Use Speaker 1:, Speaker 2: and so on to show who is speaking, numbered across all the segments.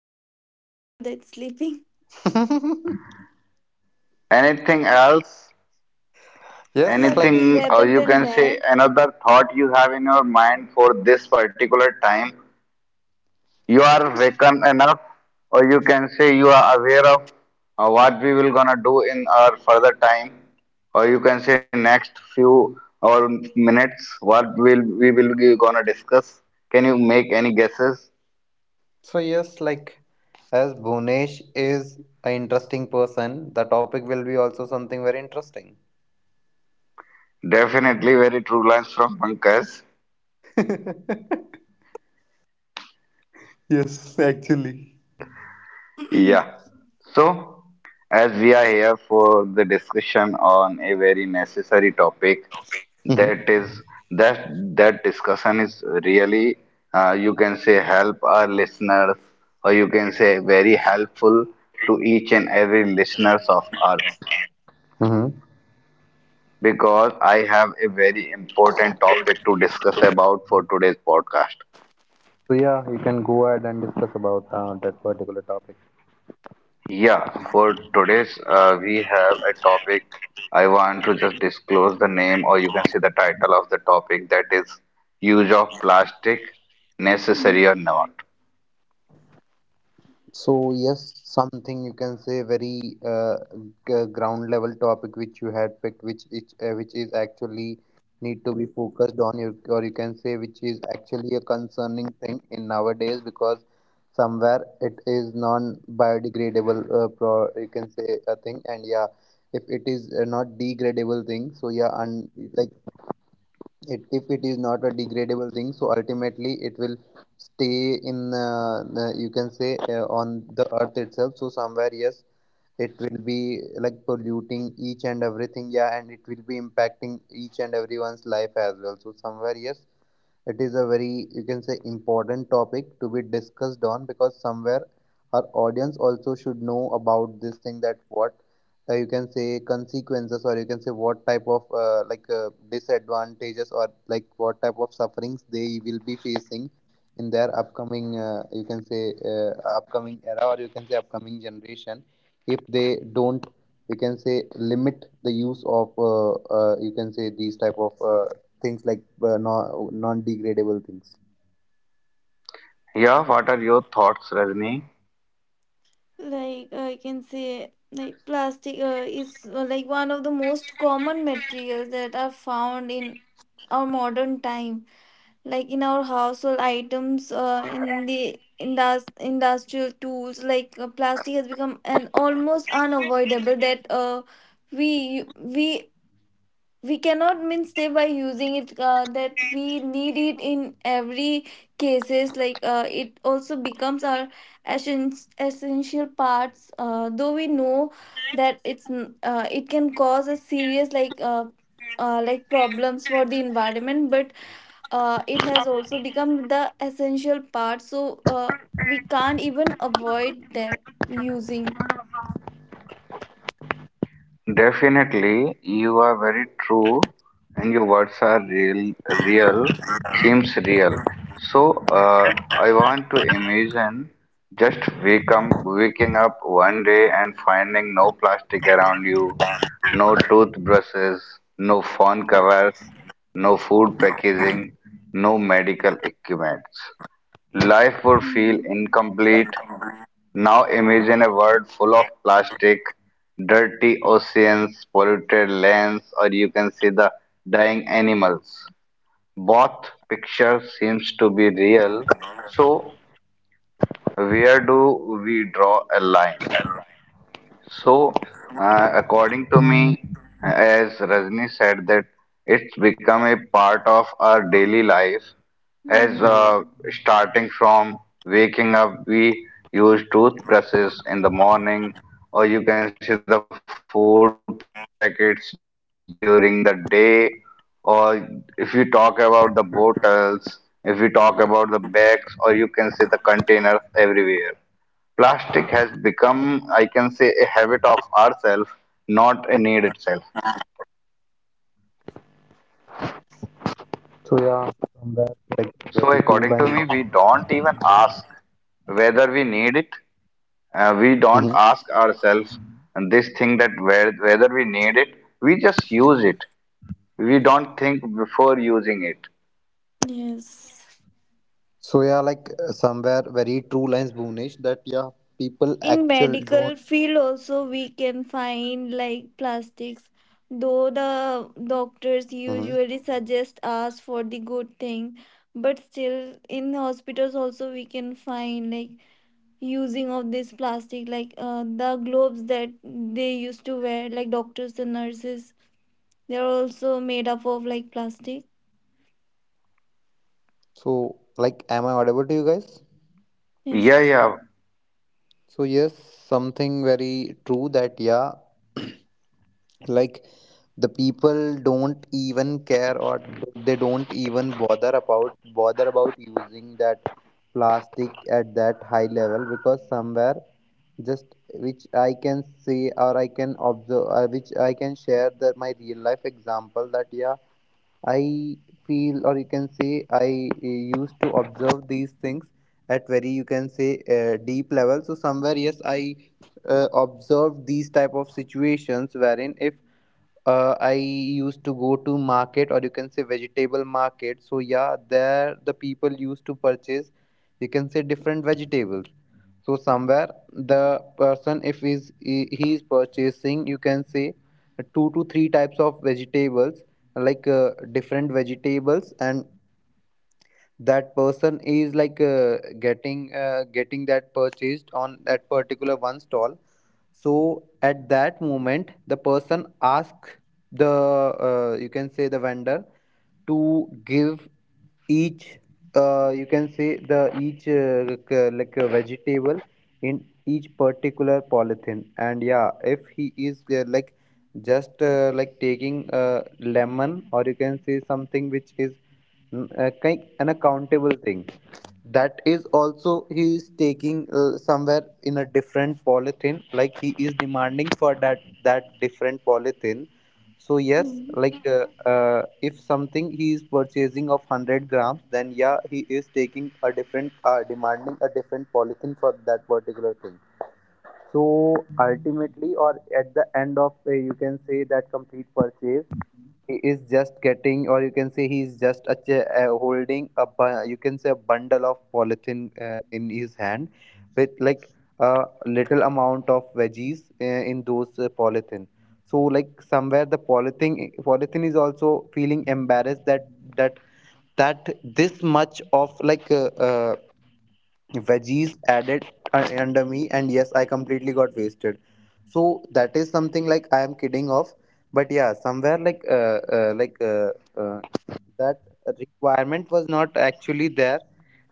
Speaker 1: person used to do that sleeping.
Speaker 2: Anything else?
Speaker 3: yes, like,
Speaker 1: Nothing
Speaker 2: Anything, or
Speaker 1: rather
Speaker 2: you
Speaker 1: than
Speaker 2: can say
Speaker 1: that.
Speaker 2: another thought you have in your mind for this particular time? You are waken enough, or you can say you are aware of what we will gonna do in our further time, or you can say next few or minutes what will we will be gonna discuss. Can you make any guesses?
Speaker 3: so, yes, like, as Bhunesh is an interesting person, the topic will be also something very interesting.
Speaker 2: Definitely very true lines from Pankaj.
Speaker 3: Yes, actually.
Speaker 2: Yeah. So, as we are here for the discussion on a very necessary topic,
Speaker 3: Mm-hmm.
Speaker 2: that is that that discussion is really you can say help our listeners, or you can say very helpful to each and every listeners of ours
Speaker 3: Mm-hmm.
Speaker 2: because I have a very important topic to discuss about for today's podcast.
Speaker 3: So yeah, you can go ahead and discuss about that particular topic.
Speaker 2: Yeah, for today's, we have a topic. I want to just disclose the name, or you can see the title of the topic that is Use of Plastic Necessary or Not.
Speaker 3: So yes, something you can say very ground level topic which you had picked, which is actually need to be focused on, you or you can say which is actually a concerning thing in nowadays because somewhere it is non-biodegradable, you can say a thing, and yeah, if it is not degradable thing, so yeah, and like it if it is not a degradable thing, so ultimately it will stay in you can say on the earth itself, so somewhere yes, it will be like polluting each and everything, yeah, and it will be impacting each and everyone's life as well, so somewhere yes, it is a very, you can say, important topic to be discussed on because somewhere our audience also should know about this thing that what you can say consequences or you can say what type of disadvantages or like what type of sufferings they will be facing in their upcoming you can say upcoming era or you can say upcoming generation if they don't you can say limit the use of you can say these type of things like non degradable things.
Speaker 2: Yeah, what are your thoughts, Rajni?
Speaker 1: Like I can say, like plastic is like one of the most common materials that are found in our modern time, like in our household items, in the industrial tools. Like, plastic has become an almost unavoidable that we we cannot means stay by using it, that we need it in every cases. Like, it also becomes our essen- essential parts, though we know that it can cause a serious, like problems for the environment. But it has also become the essential part, so we can't even avoid that using.
Speaker 2: Definitely, you are very true, and your words are real, seems real. So, I want to imagine just waking up one day and finding no plastic around you, no toothbrushes, no phone covers, no food packaging, no medical equipment. Life would feel
Speaker 1: Mhm.
Speaker 2: incomplete. Now imagine a world full of plastic, dirty oceans, polluted lands, or you can see the dying animals. Both picture seems to be real. So where do we draw a line? So, according to me, as Rajni said, that it's become a part of our daily life. As
Speaker 1: Mhm.
Speaker 3: Mhm.
Speaker 2: Starting from waking up, we use toothbrushes in the morning, or you can see the food packets during the day, or if you talk about the bottles, if you talk about the bags, or you can see the containers everywhere. Plastic has become, I can say, a habit of ourselves, not a need itself.
Speaker 3: So yeah, somewhere like very
Speaker 2: So,
Speaker 3: true
Speaker 2: according to
Speaker 3: lines.
Speaker 2: me, we don't even ask whether we need it. We don't
Speaker 3: Hmm.
Speaker 2: ask ourselves this thing that where, whether we need it. We just use it. We don't think before using it.
Speaker 1: Yes,
Speaker 3: So yeah, somewhere very true lines, Bhuvnesh. That yeah, people
Speaker 1: in
Speaker 3: actual don't.
Speaker 1: medical field also we can find like plastics, though the doctors
Speaker 3: Hmm.
Speaker 1: usually suggest us for the good thing, but still in hospitals also we can find like using of this plastic, like the gloves that they used to wear, like doctors and nurses, they're also made up of like plastic.
Speaker 3: So like, am I audible to you guys?
Speaker 1: Yes.
Speaker 2: Yeah, yeah.
Speaker 3: So yes, something very true that yeah, like the people don't even care or they don't even bother about using that plastic at that high level because somewhere just, which I can see or I can observe or which I can share, that my real life example, that yeah, I feel or you can say I used to observe these things at very, you can say, deep level, so somewhere yes, I observed these type of situations wherein if I used to go to market or you can say vegetable market. So yeah, there the people used to purchase, you can say, different vegetables. So somewhere the person, if is he is purchasing, you can say two to three types of vegetables, different vegetables, and that person is like getting that purchased on that particular one stall, so at that moment the person asks the you can say the vendor to give each you can say the each like a vegetable in each particular polythene. And yeah, if he is like taking lemon or you can say something which is kind an accountable thing, that is also he is taking somewhere in a different polythene, like he is demanding for that different polythene. So yes,
Speaker 1: Mm,
Speaker 3: uh, if something he is purchasing of 100 grams, then yeah, he is taking a different, demanding a different polythene for that particular thing. So ultimately, or at the end of you can say that complete purchase, he is just getting or you can say he is just holding a you can say a bundle of polythene in his hand with like a little amount of veggies in those polythene. So like somewhere the polythene is also feeling embarrassed that that that this much of veggies added under me, and yes, I completely got wasted. So that is something like I am kidding off, but yeah, somewhere uh, like uh, uh, that requirement was not actually there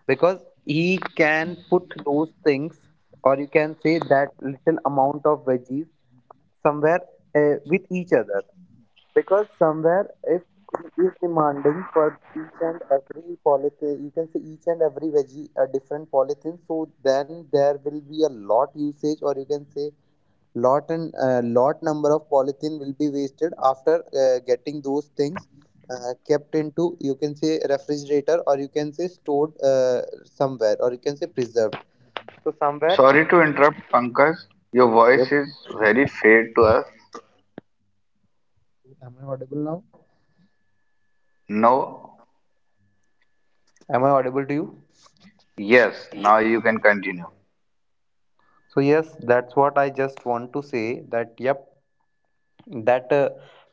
Speaker 3: because he can put those things or you can say that little amount of veggies somewhere with each other. Because somewhere, if he is demanding for each and every polythene, you can say each and every veggie a different polythene, so then there will be a lot usage or you can say lot and lot number of polythene will be wasted after getting those things kept into, you can say, refrigerator or you can say stored somewhere or you can say preserved. So somewhere,
Speaker 2: Sorry to interrupt, Pankaj. Your
Speaker 3: yep,
Speaker 2: voice is very faint to us.
Speaker 3: am I audible now?
Speaker 2: No.
Speaker 3: Am I audible to you?
Speaker 2: Yes. Now you can continue.
Speaker 3: So yes, that's what I just want to say, that yep, that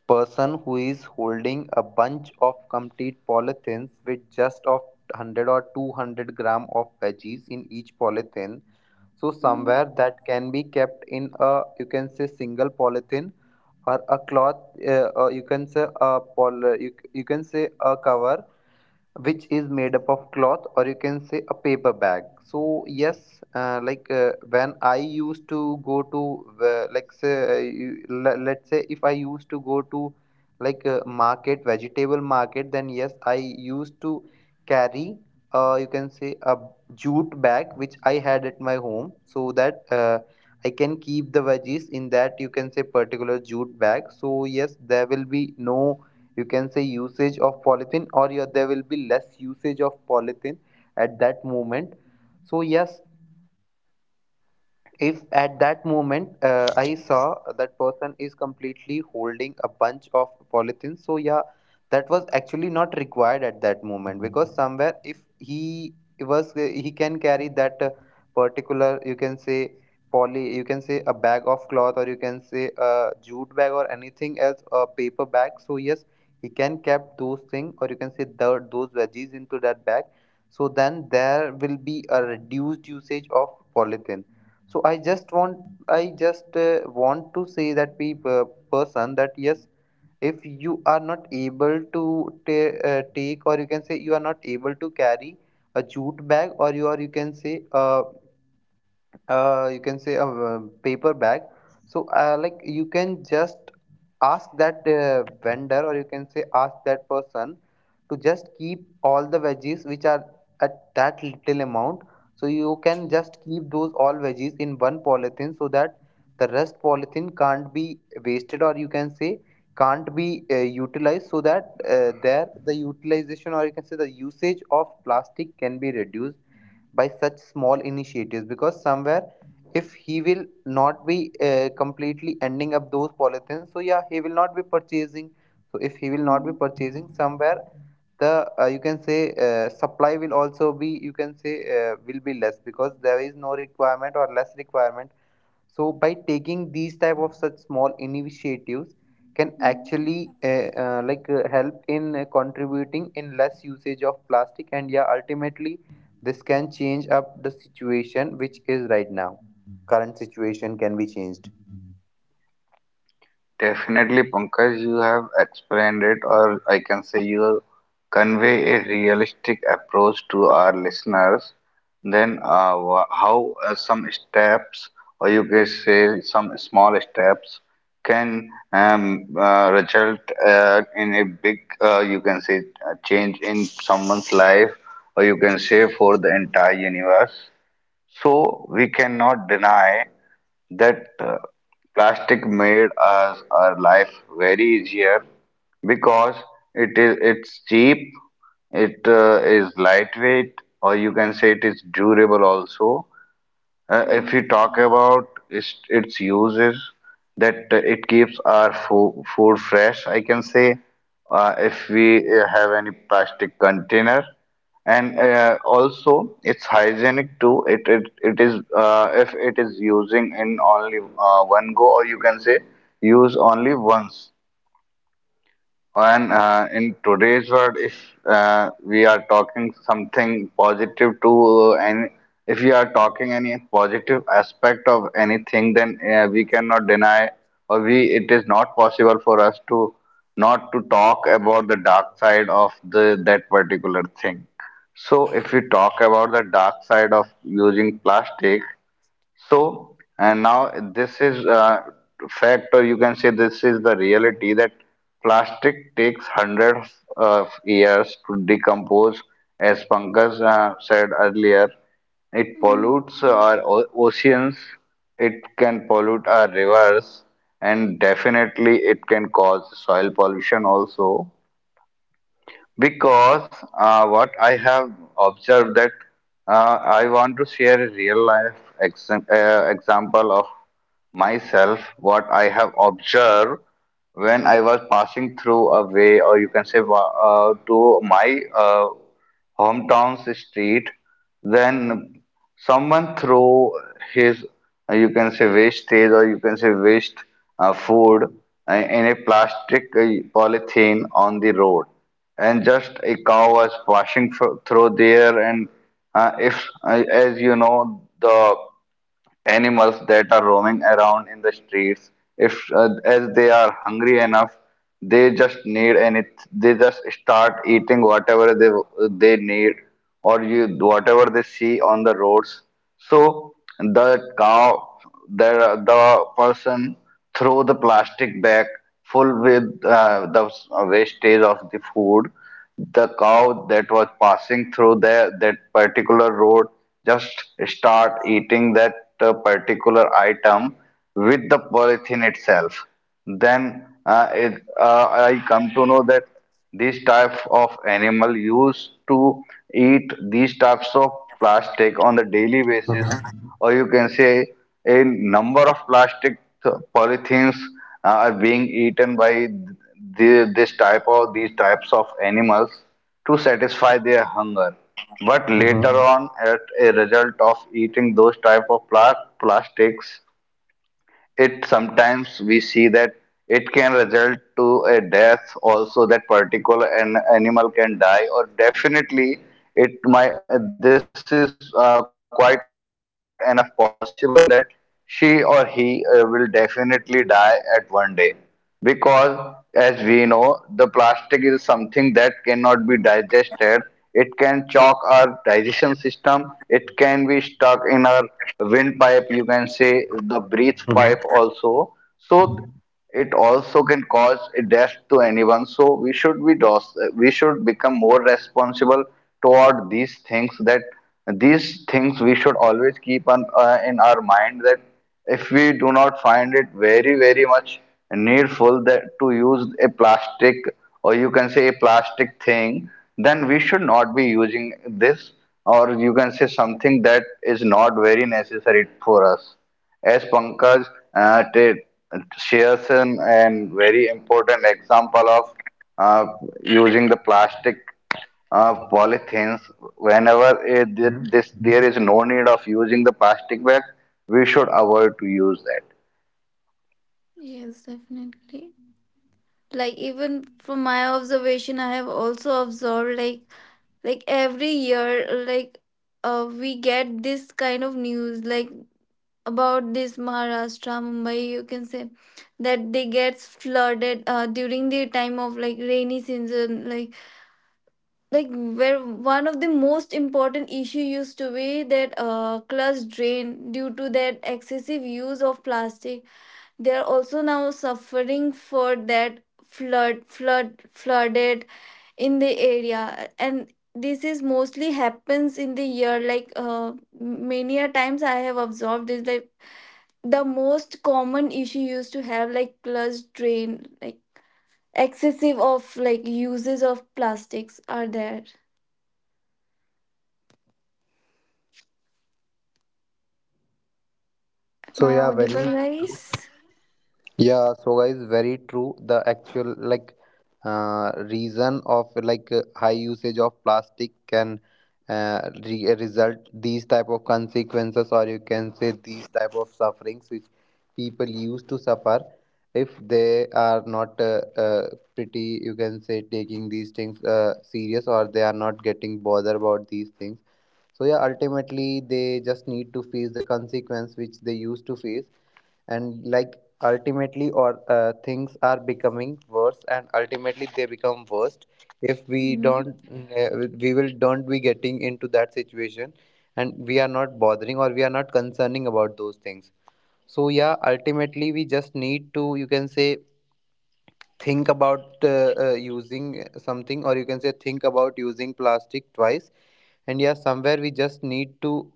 Speaker 3: person who is holding a bunch of complete polythene with just of 100 or 200 gram of veggies in each polythene, so
Speaker 1: mm,
Speaker 3: somewhere that can be kept in a, you can say, single polythene or a cloth, or you can say a you can say a cover which is made up of cloth or you can say a paper bag. So yes, when I used to go to let's say if I used to go to market, vegetable market, then yes, I used to carry you can say a jute bag which I had at my home, so that I can keep the veggies in that, you can say, particular jute bag. So yes, there will be no, you can say, usage of polythene, or yeah, there will be less usage of polythene at that moment. So yes, if at that moment I saw that person is completely holding a bunch of polythene, so yeah, that was actually not required at that moment because somewhere if he was he can carry that particular, you can say, poly you can say a bag of cloth or you can say a jute bag or anything else, a paper bag. So yes, he can kept those things or you can say the, those veggies into that bag. So then there will be a reduced usage of polythene. So I just want, I just want to say that people, person, that yes, if you are not able to take or you can say you are not able to carry a jute bag or you can say a paper bag, so like you can just ask that vendor or you can say ask that person to just keep all the veggies which are at that little amount, so you can just keep those all veggies in one polythene so that the rest polythene can't be wasted or you can say can't be utilized, so that there the utilization or you can say the usage of plastic can be reduced by such small initiatives. Because somewhere, if he will not be completely ending up those polythins, so yeah, he will not be purchasing. So if he will not be
Speaker 1: mm,
Speaker 3: purchasing, somewhere the you can say supply will also be, you can say, will be less because there is no requirement or less requirement. So by taking these type of such small initiatives can
Speaker 1: mm,
Speaker 3: actually help in contributing in less usage of plastic. And yeah, ultimately this can change up the situation which is right now, current situation can be changed.
Speaker 2: Definitely, Pankaj, you have explained it, or I can say you convey a realistic approach to our listeners. Then, how some steps, or you can say some small steps, can result in a big, you can say, change in someone's life, or you can say for the entire universe. So we cannot deny that plastic made us our life very easier because it's cheap, it is lightweight, or you can say it is durable also. If
Speaker 1: mm,
Speaker 2: we talk about its uses, that it keeps our fo food fresh, I can say. If we have any plastic container, and also it's hygienic too. It is if it is using in only one go, or you can say use only once. And in today's world, if we are talking something positive to any, if we are talking any positive aspect of anything, then we cannot deny or we it is not possible for us to not to talk about the dark side of the that particular thing. So if we talk about the dark side of using plastic, so, and now this is a fact, or you can say this is the reality that plastic takes hundreds of years to decompose. As Pankaj said earlier, it
Speaker 1: mm.
Speaker 2: pollutes our oceans, it can pollute our rivers, and definitely it can cause soil pollution also because what I have observed that I want to share a real life example of myself what I have observed when I was passing through a way, or you can say to my hometown's street, then someone threw his, you can say wastage or you can say waste food in a plastic polythene on the road, and just a cow was passing through there, and if as you know the animals that are roaming around in the streets if as they are hungry enough they just need any they just start eating whatever they need or you whatever they see on the roads so the cow the person throw the plastic bag full with the wastage of the food the cow that was passing through the, that particular road just start eating that particular item with the polythene itself. Then I come to know that these type of animal used to eat these types of plastic on the daily basis or you can say a number of plastic polythenes are being eaten by the, this type of these types of animals to satisfy their hunger but
Speaker 3: Hmm.
Speaker 2: later on at a result of eating those type of plastics it sometimes we see that it can result to a death also that particular an animal can die or definitely it might this is quite enough possible that she or he will definitely die at one day because, as we know, the plastic is something that cannot be digested. It can choke our digestion system. It can be stuck in our windpipe, you can say the breath pipe also. So it also can cause a death to anyone. So we should become more responsible toward these things that these things we should always keep on in our mind that if we do not find it very very much needful that to use a plastic or you can say a plastic thing then we should not be using this or you can say something that is not very necessary for us as pankaj uh, t- shares an very important example of uh, using the plastic polythenes whenever uh, this there is no need of using the plastic bag we should avoid to use that.
Speaker 1: Yes, definitely. Like even from my observation, I have also observed, like every year, we get this kind of news like about this Maharashtra, Mumbai, you can say, that they get flooded during the time of like rainy season. Like, where one of the most important issue used to be that, class drain due to that excessive use of plastic, they are also now suffering for that flood, flooded in the area. And this is mostly happens in the year, many a times I have observed this. Like the most common issue used to have like plus drain, like excessive of like uses of plastics are there. Am
Speaker 3: So
Speaker 1: I
Speaker 3: yeah, very
Speaker 1: audible, guys?
Speaker 3: true. Yeah, so guys, very true. The actual like reason of high usage of plastic can re result these type of consequences, or you can say these type of sufferings which people used to suffer if they are not pretty, you can say, taking these things serious, or they are not getting bothered about these things. So yeah, ultimately they just need to face the consequence which they used to face, and like, ultimately or things are becoming worse and ultimately they become worse if we
Speaker 1: Hmm.
Speaker 3: don't we will don't be getting into that situation, and we are not bothering or we are not concerning about those things. So yeah, ultimately we just need to, you can say, think about using something, or you can say think about using plastic twice. And yeah, somewhere we just need to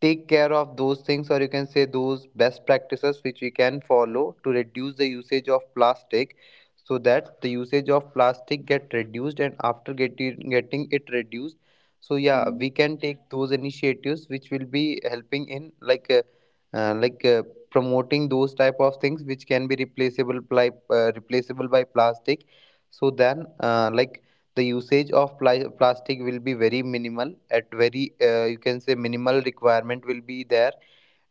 Speaker 3: take care of those things, or you can say those best practices which we can follow to reduce the usage of plastic, so that the usage of plastic get reduced. And after getting it reduced, so yeah, we can take those initiatives which will be helping in, like, promoting those type of things which can be replaceable by plastic. So then like, the usage of plastic will be very minimal. At very you can say minimal requirement will be there.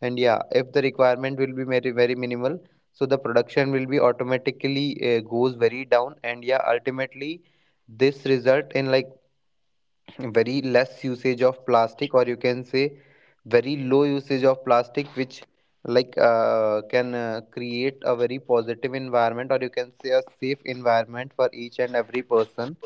Speaker 3: And yeah, if the requirement will be very very minimal, so the production will be automatically goes very down, and yeah, ultimately this result in like very less usage of plastic, or you can say very low usage of plastic, which can create a very positive environment, or you can say a safe environment for each and every person,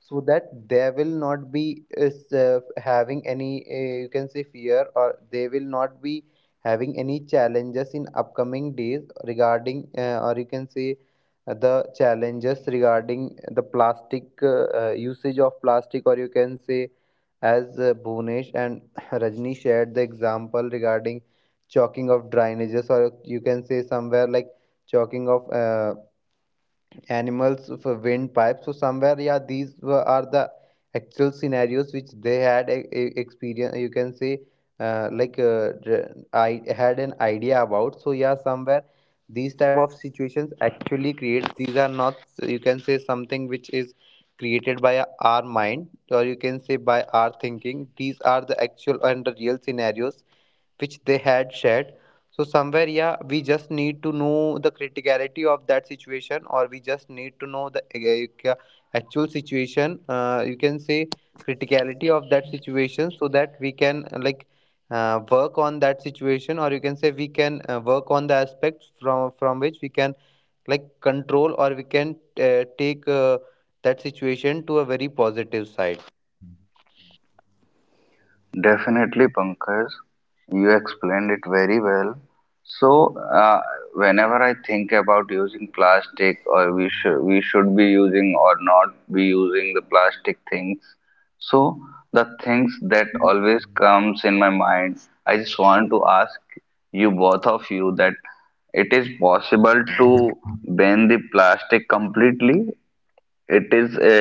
Speaker 3: so that they will not be having any you can say fear, or they will not be having any challenges in upcoming days regarding or you can say the challenges regarding the plastic, usage of plastic, or you can say as Bhunesh and Rajni shared the example regarding chalking of drainages, or you can say somewhere like chalking of animals for a windpipe. So somewhere, yeah, these are the actual scenarios which they had experience. You can say, uh, like uh, I had an idea about. So yeah, somewhere these type of situations actually creates. These are not, you can say, something which is created by our mind, or you can say by our thinking. These are the actual and the real scenarios which they had shared. So somewhere, yeah, we just need to know the criticality of that situation, or we just need to know the actual situation. You can say criticality of that situation, so that we can like work on that situation, or you can say we can work on the aspects from which we can like control, or we can take that situation to a very positive side.
Speaker 2: Definitely, Pankaj, you explained it very well. So, whenever I think about using plastic, or we should be using or not be using the plastic things, so the things that always comes in my mind, I just want to ask you both of you that it is possible to ban the plastic completely it is a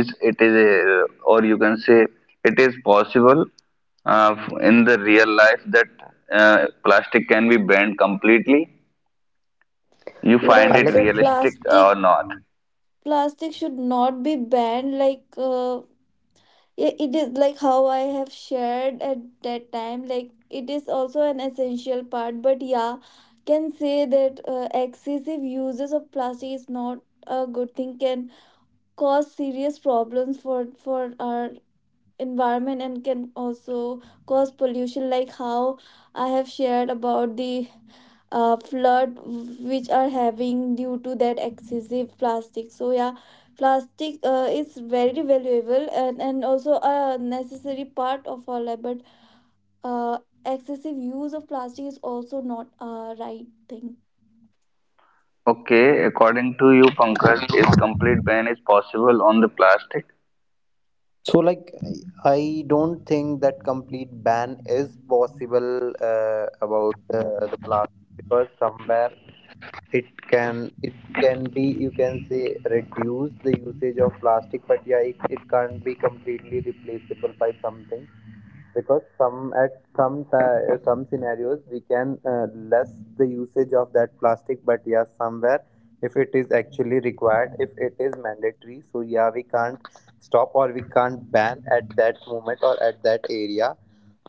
Speaker 2: is it is a, or you can say it is possible uh, in the real life that plastic can be banned completely. You find
Speaker 3: I
Speaker 2: it
Speaker 3: like.
Speaker 2: realistic
Speaker 1: Plastic,
Speaker 2: or not?
Speaker 1: plastic should not be banned. Yeah, it is like how I have shared at that time. Like it is also an essential part, but yeah, can say that excessive uses of plastic is not a good thing. Can cause serious problems for our environment and can also cause pollution. Like how I have shared about the flood which are having due to that excessive plastic. So yeah, plastic is very valuable, and also a necessary part of our life, but uh, excessive use of plastic is also not a right thing.
Speaker 2: Okay, according to you, Pankaj, is complete ban is possible on the plastic?
Speaker 3: So, like, I don't think that complete ban is possible about the plastic, because somewhere it can, it can be, you can say, reduce the usage of plastic, but yeah, it can't be completely replaceable by something, because some at some scenarios we can less the usage of that plastic, but yeah, somewhere if it is actually required, if it is mandatory, so yeah, we can't stop or we can't ban at that moment or at that area.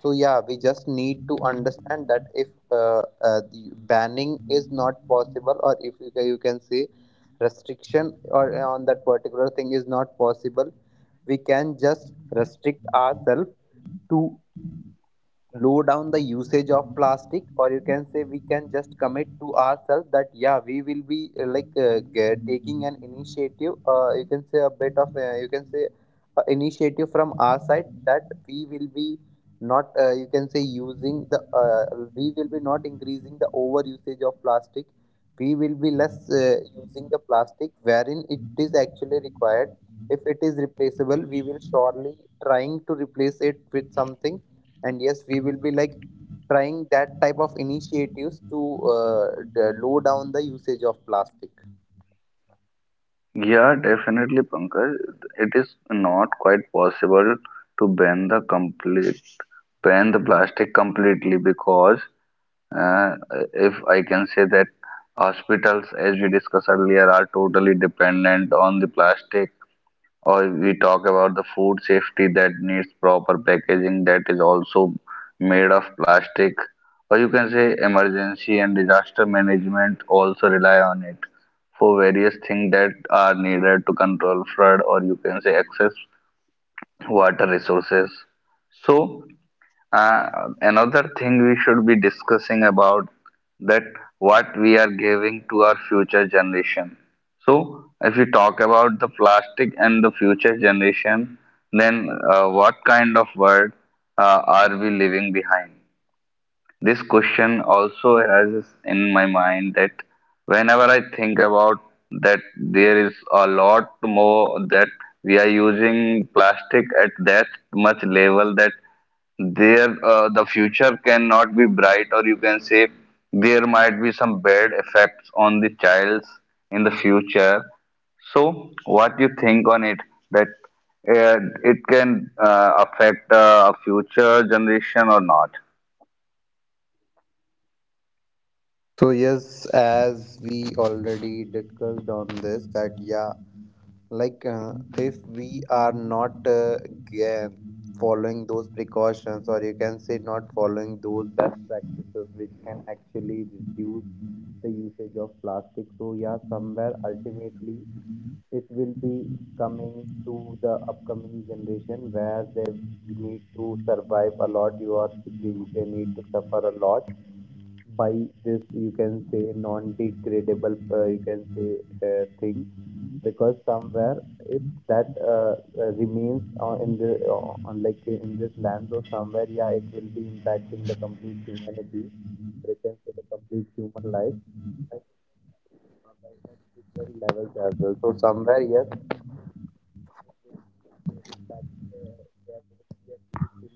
Speaker 3: So yeah, we just need to understand that if the banning is not possible, or if you can, you can say restriction, or on that particular thing is not possible, we can just restrict ourselves to low down the usage of plastic, or you can say we can just commit to ourselves that yeah, we will be taking an initiative, you can say a bit of you can say initiative from our side, that we will be not, you can say, using the we will be not increasing the over usage of plastic. We will be less using the plastic wherein it is actually required. If it is replaceable, we will surely trying to replace it with something. And yes, we will be like trying that type of initiatives to uh, low down the usage of plastic.
Speaker 2: Yeah, definitely, Pankaj. It is not quite possible to ban the plastic completely because Uh, if I can say that hospitals, as we discussed earlier, are totally dependent on the plastic, or if we talk about the food safety that needs proper packaging that is also made of plastic, or you can say emergency and disaster management also rely on it for various things that are needed to control flood, or you can say access water resources. So, uh, another thing we should be discussing about that what we are giving to our future generation. So, if we talk about the plastic and the future generation, then what kind of world are we leaving behind? This question also arises in my mind that whenever I think about that there is a lot more that we are using plastic at that much level that there the future cannot be bright or you can say there might be some bad effects on the childs in the future so what you think on it that it can affect a future generation or not.
Speaker 3: So yes, as we already discussed on this that yeah, like, if we are not ga- following those precautions, or you can say not following those best practices which can actually reduce the usage of plastic, so yeah, somewhere ultimately it will be coming to the upcoming generation where they need to survive a lot, you are they need to suffer a lot by this, you can say, non degradable you can say thing. Because somewhere, if that remains in the on in this land, or somewhere, yeah, it will be impacting the complete humanity, or you can say the complete human life, like, uh, by that levels as well. So somewhere, yes.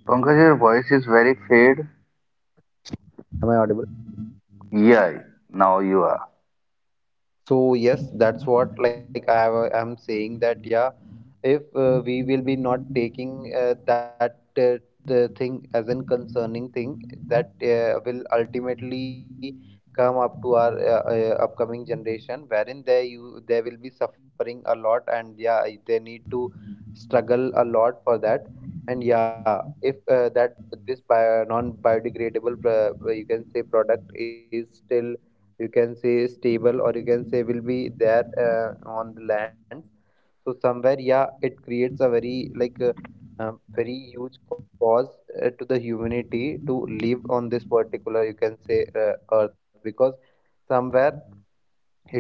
Speaker 2: Pankaj, your voice is very fade.
Speaker 3: Am I audible?
Speaker 2: Yeah, now you are.
Speaker 3: So yes, that's what like I am saying, that yeah, if we will be not taking that the thing as an concerning thing, that will ultimately come up to our upcoming generation, wherein they will be suffering a lot, and yeah, they need to struggle a lot for that. And yeah, if that this non biodegradable you can say product is still, you can say, stable, or you can say will be there on the land. So somewhere, yeah, it creates a very very huge cause to the humanity to live on this particular, you can say, earth. Because somewhere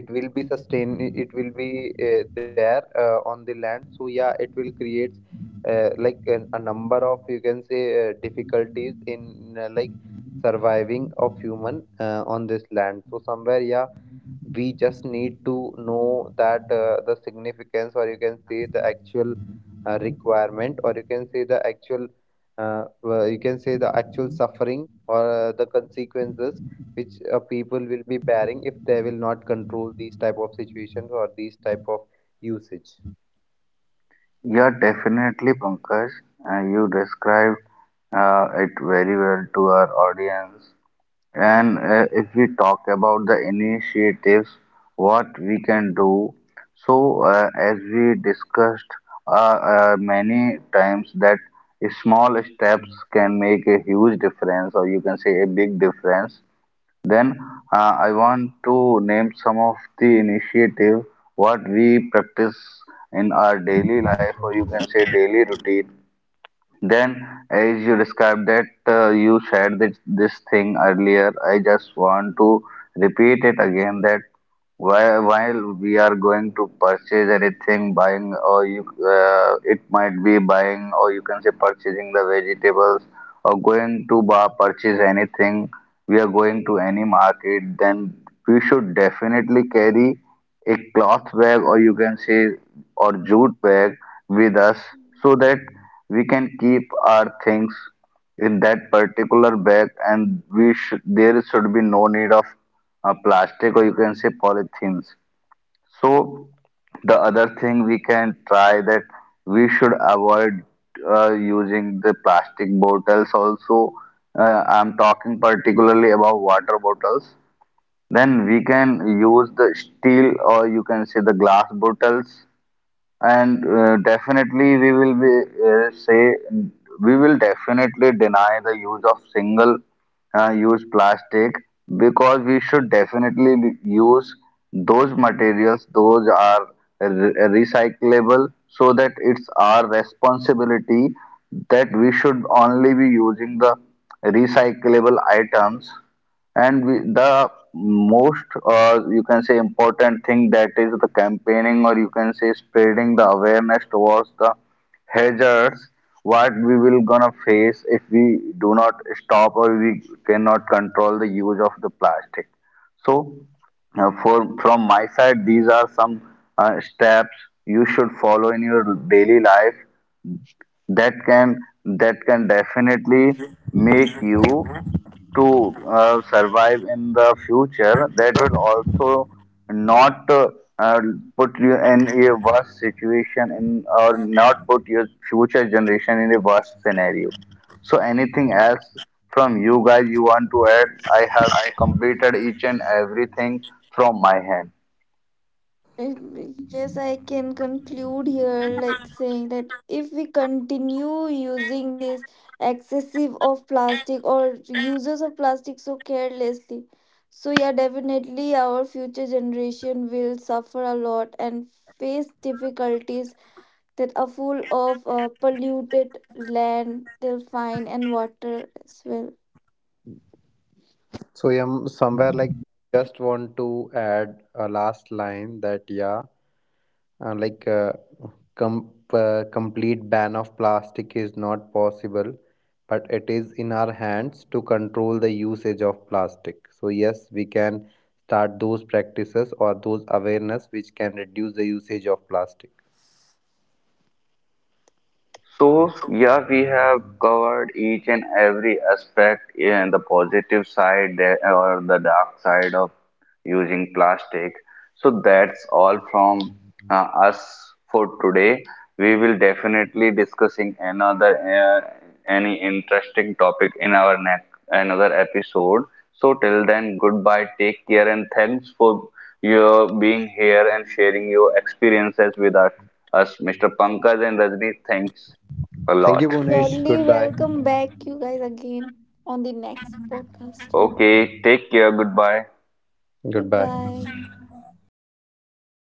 Speaker 3: it will be sustain, it will be there on the land, so yeah, it will create like a number of, you can say, difficulties in like surviving of human on this land. So somewhere, yeah, we just need to know that the significance, or you can say the actual requirement, or you can say the actual you can say the actual suffering, or the consequences which people will be bearing if they will not control these type of situations or these type of usage
Speaker 2: Yeah, definitely, Pankaj. You described it very well to our audience. And if we talk about the initiatives, what we can do. So, as we discussed many times, that small steps can make a huge difference, or you can say a big difference. Then I want to name some of the initiative what we practice in our daily life, or you can say daily routine. Then, as you described that you shared this thing earlier, I just want to repeat it again that while we are going to purchase anything, buying, or it might be buying, or you can say purchasing the vegetables, or going to bar purchase anything we are going to any market, then we should definitely carry a cloth bag or you can say or jute bag with us so that we can keep our things in that particular bag and we should there should be no need of plastic or you can say polythenes. So the other thing we can try that we should avoid using the plastic bottles also. I'm talking particularly about water bottles. Then we can use the steel or you can say the glass bottles and definitely, we will definitely deny the use of single use plastic because we should definitely use those materials. Those are re- recyclable, so that it's our responsibility that we should only be using the recyclable items and we, the most, you can say, important thing that is the campaigning, or you can say, spreading the awareness towards the hazards what we will gonna face if we do not stop or we cannot control the use of the plastic. So, for from my side, these are some steps you should follow in your daily life that can that can definitely make you to survive in the future that will also not uh, put you in a worse situation in or not put your future generation in a worse scenario so anything else from you guys you want to add I have completed each and everything from my hand.
Speaker 1: Yes, I can conclude here, like saying that if we continue using this excessive of plastic or uses of plastic so carelessly, so yeah, definitely our future generation will suffer a lot and face difficulties that are full of polluted land they'll find, and water as well.
Speaker 4: So yeah, somewhere like just want to add a last line that yeah, uh, like uh, complete ban of plastic is not possible, but it is in our hands to control the usage of plastic. So yes, we can start those practices or those awareness which can reduce the usage of plastic.
Speaker 2: So, yeah, we have covered each and every aspect and the positive side or the dark side of using plastic. So, that's all from us for today. We will definitely discussing another any interesting topic in our next another episode. So till then, goodbye, take care, and thanks for your being here and sharing your experiences with us Mr. Pankaj and Rajni. Thanks a
Speaker 4: Thank you,
Speaker 2: lot.
Speaker 4: Bhunesh.
Speaker 1: Surely,
Speaker 4: Goodbye.
Speaker 1: welcome back you guys again on the next podcast.
Speaker 2: Okay, take care. Goodbye.
Speaker 4: Goodbye.
Speaker 1: Goodbye.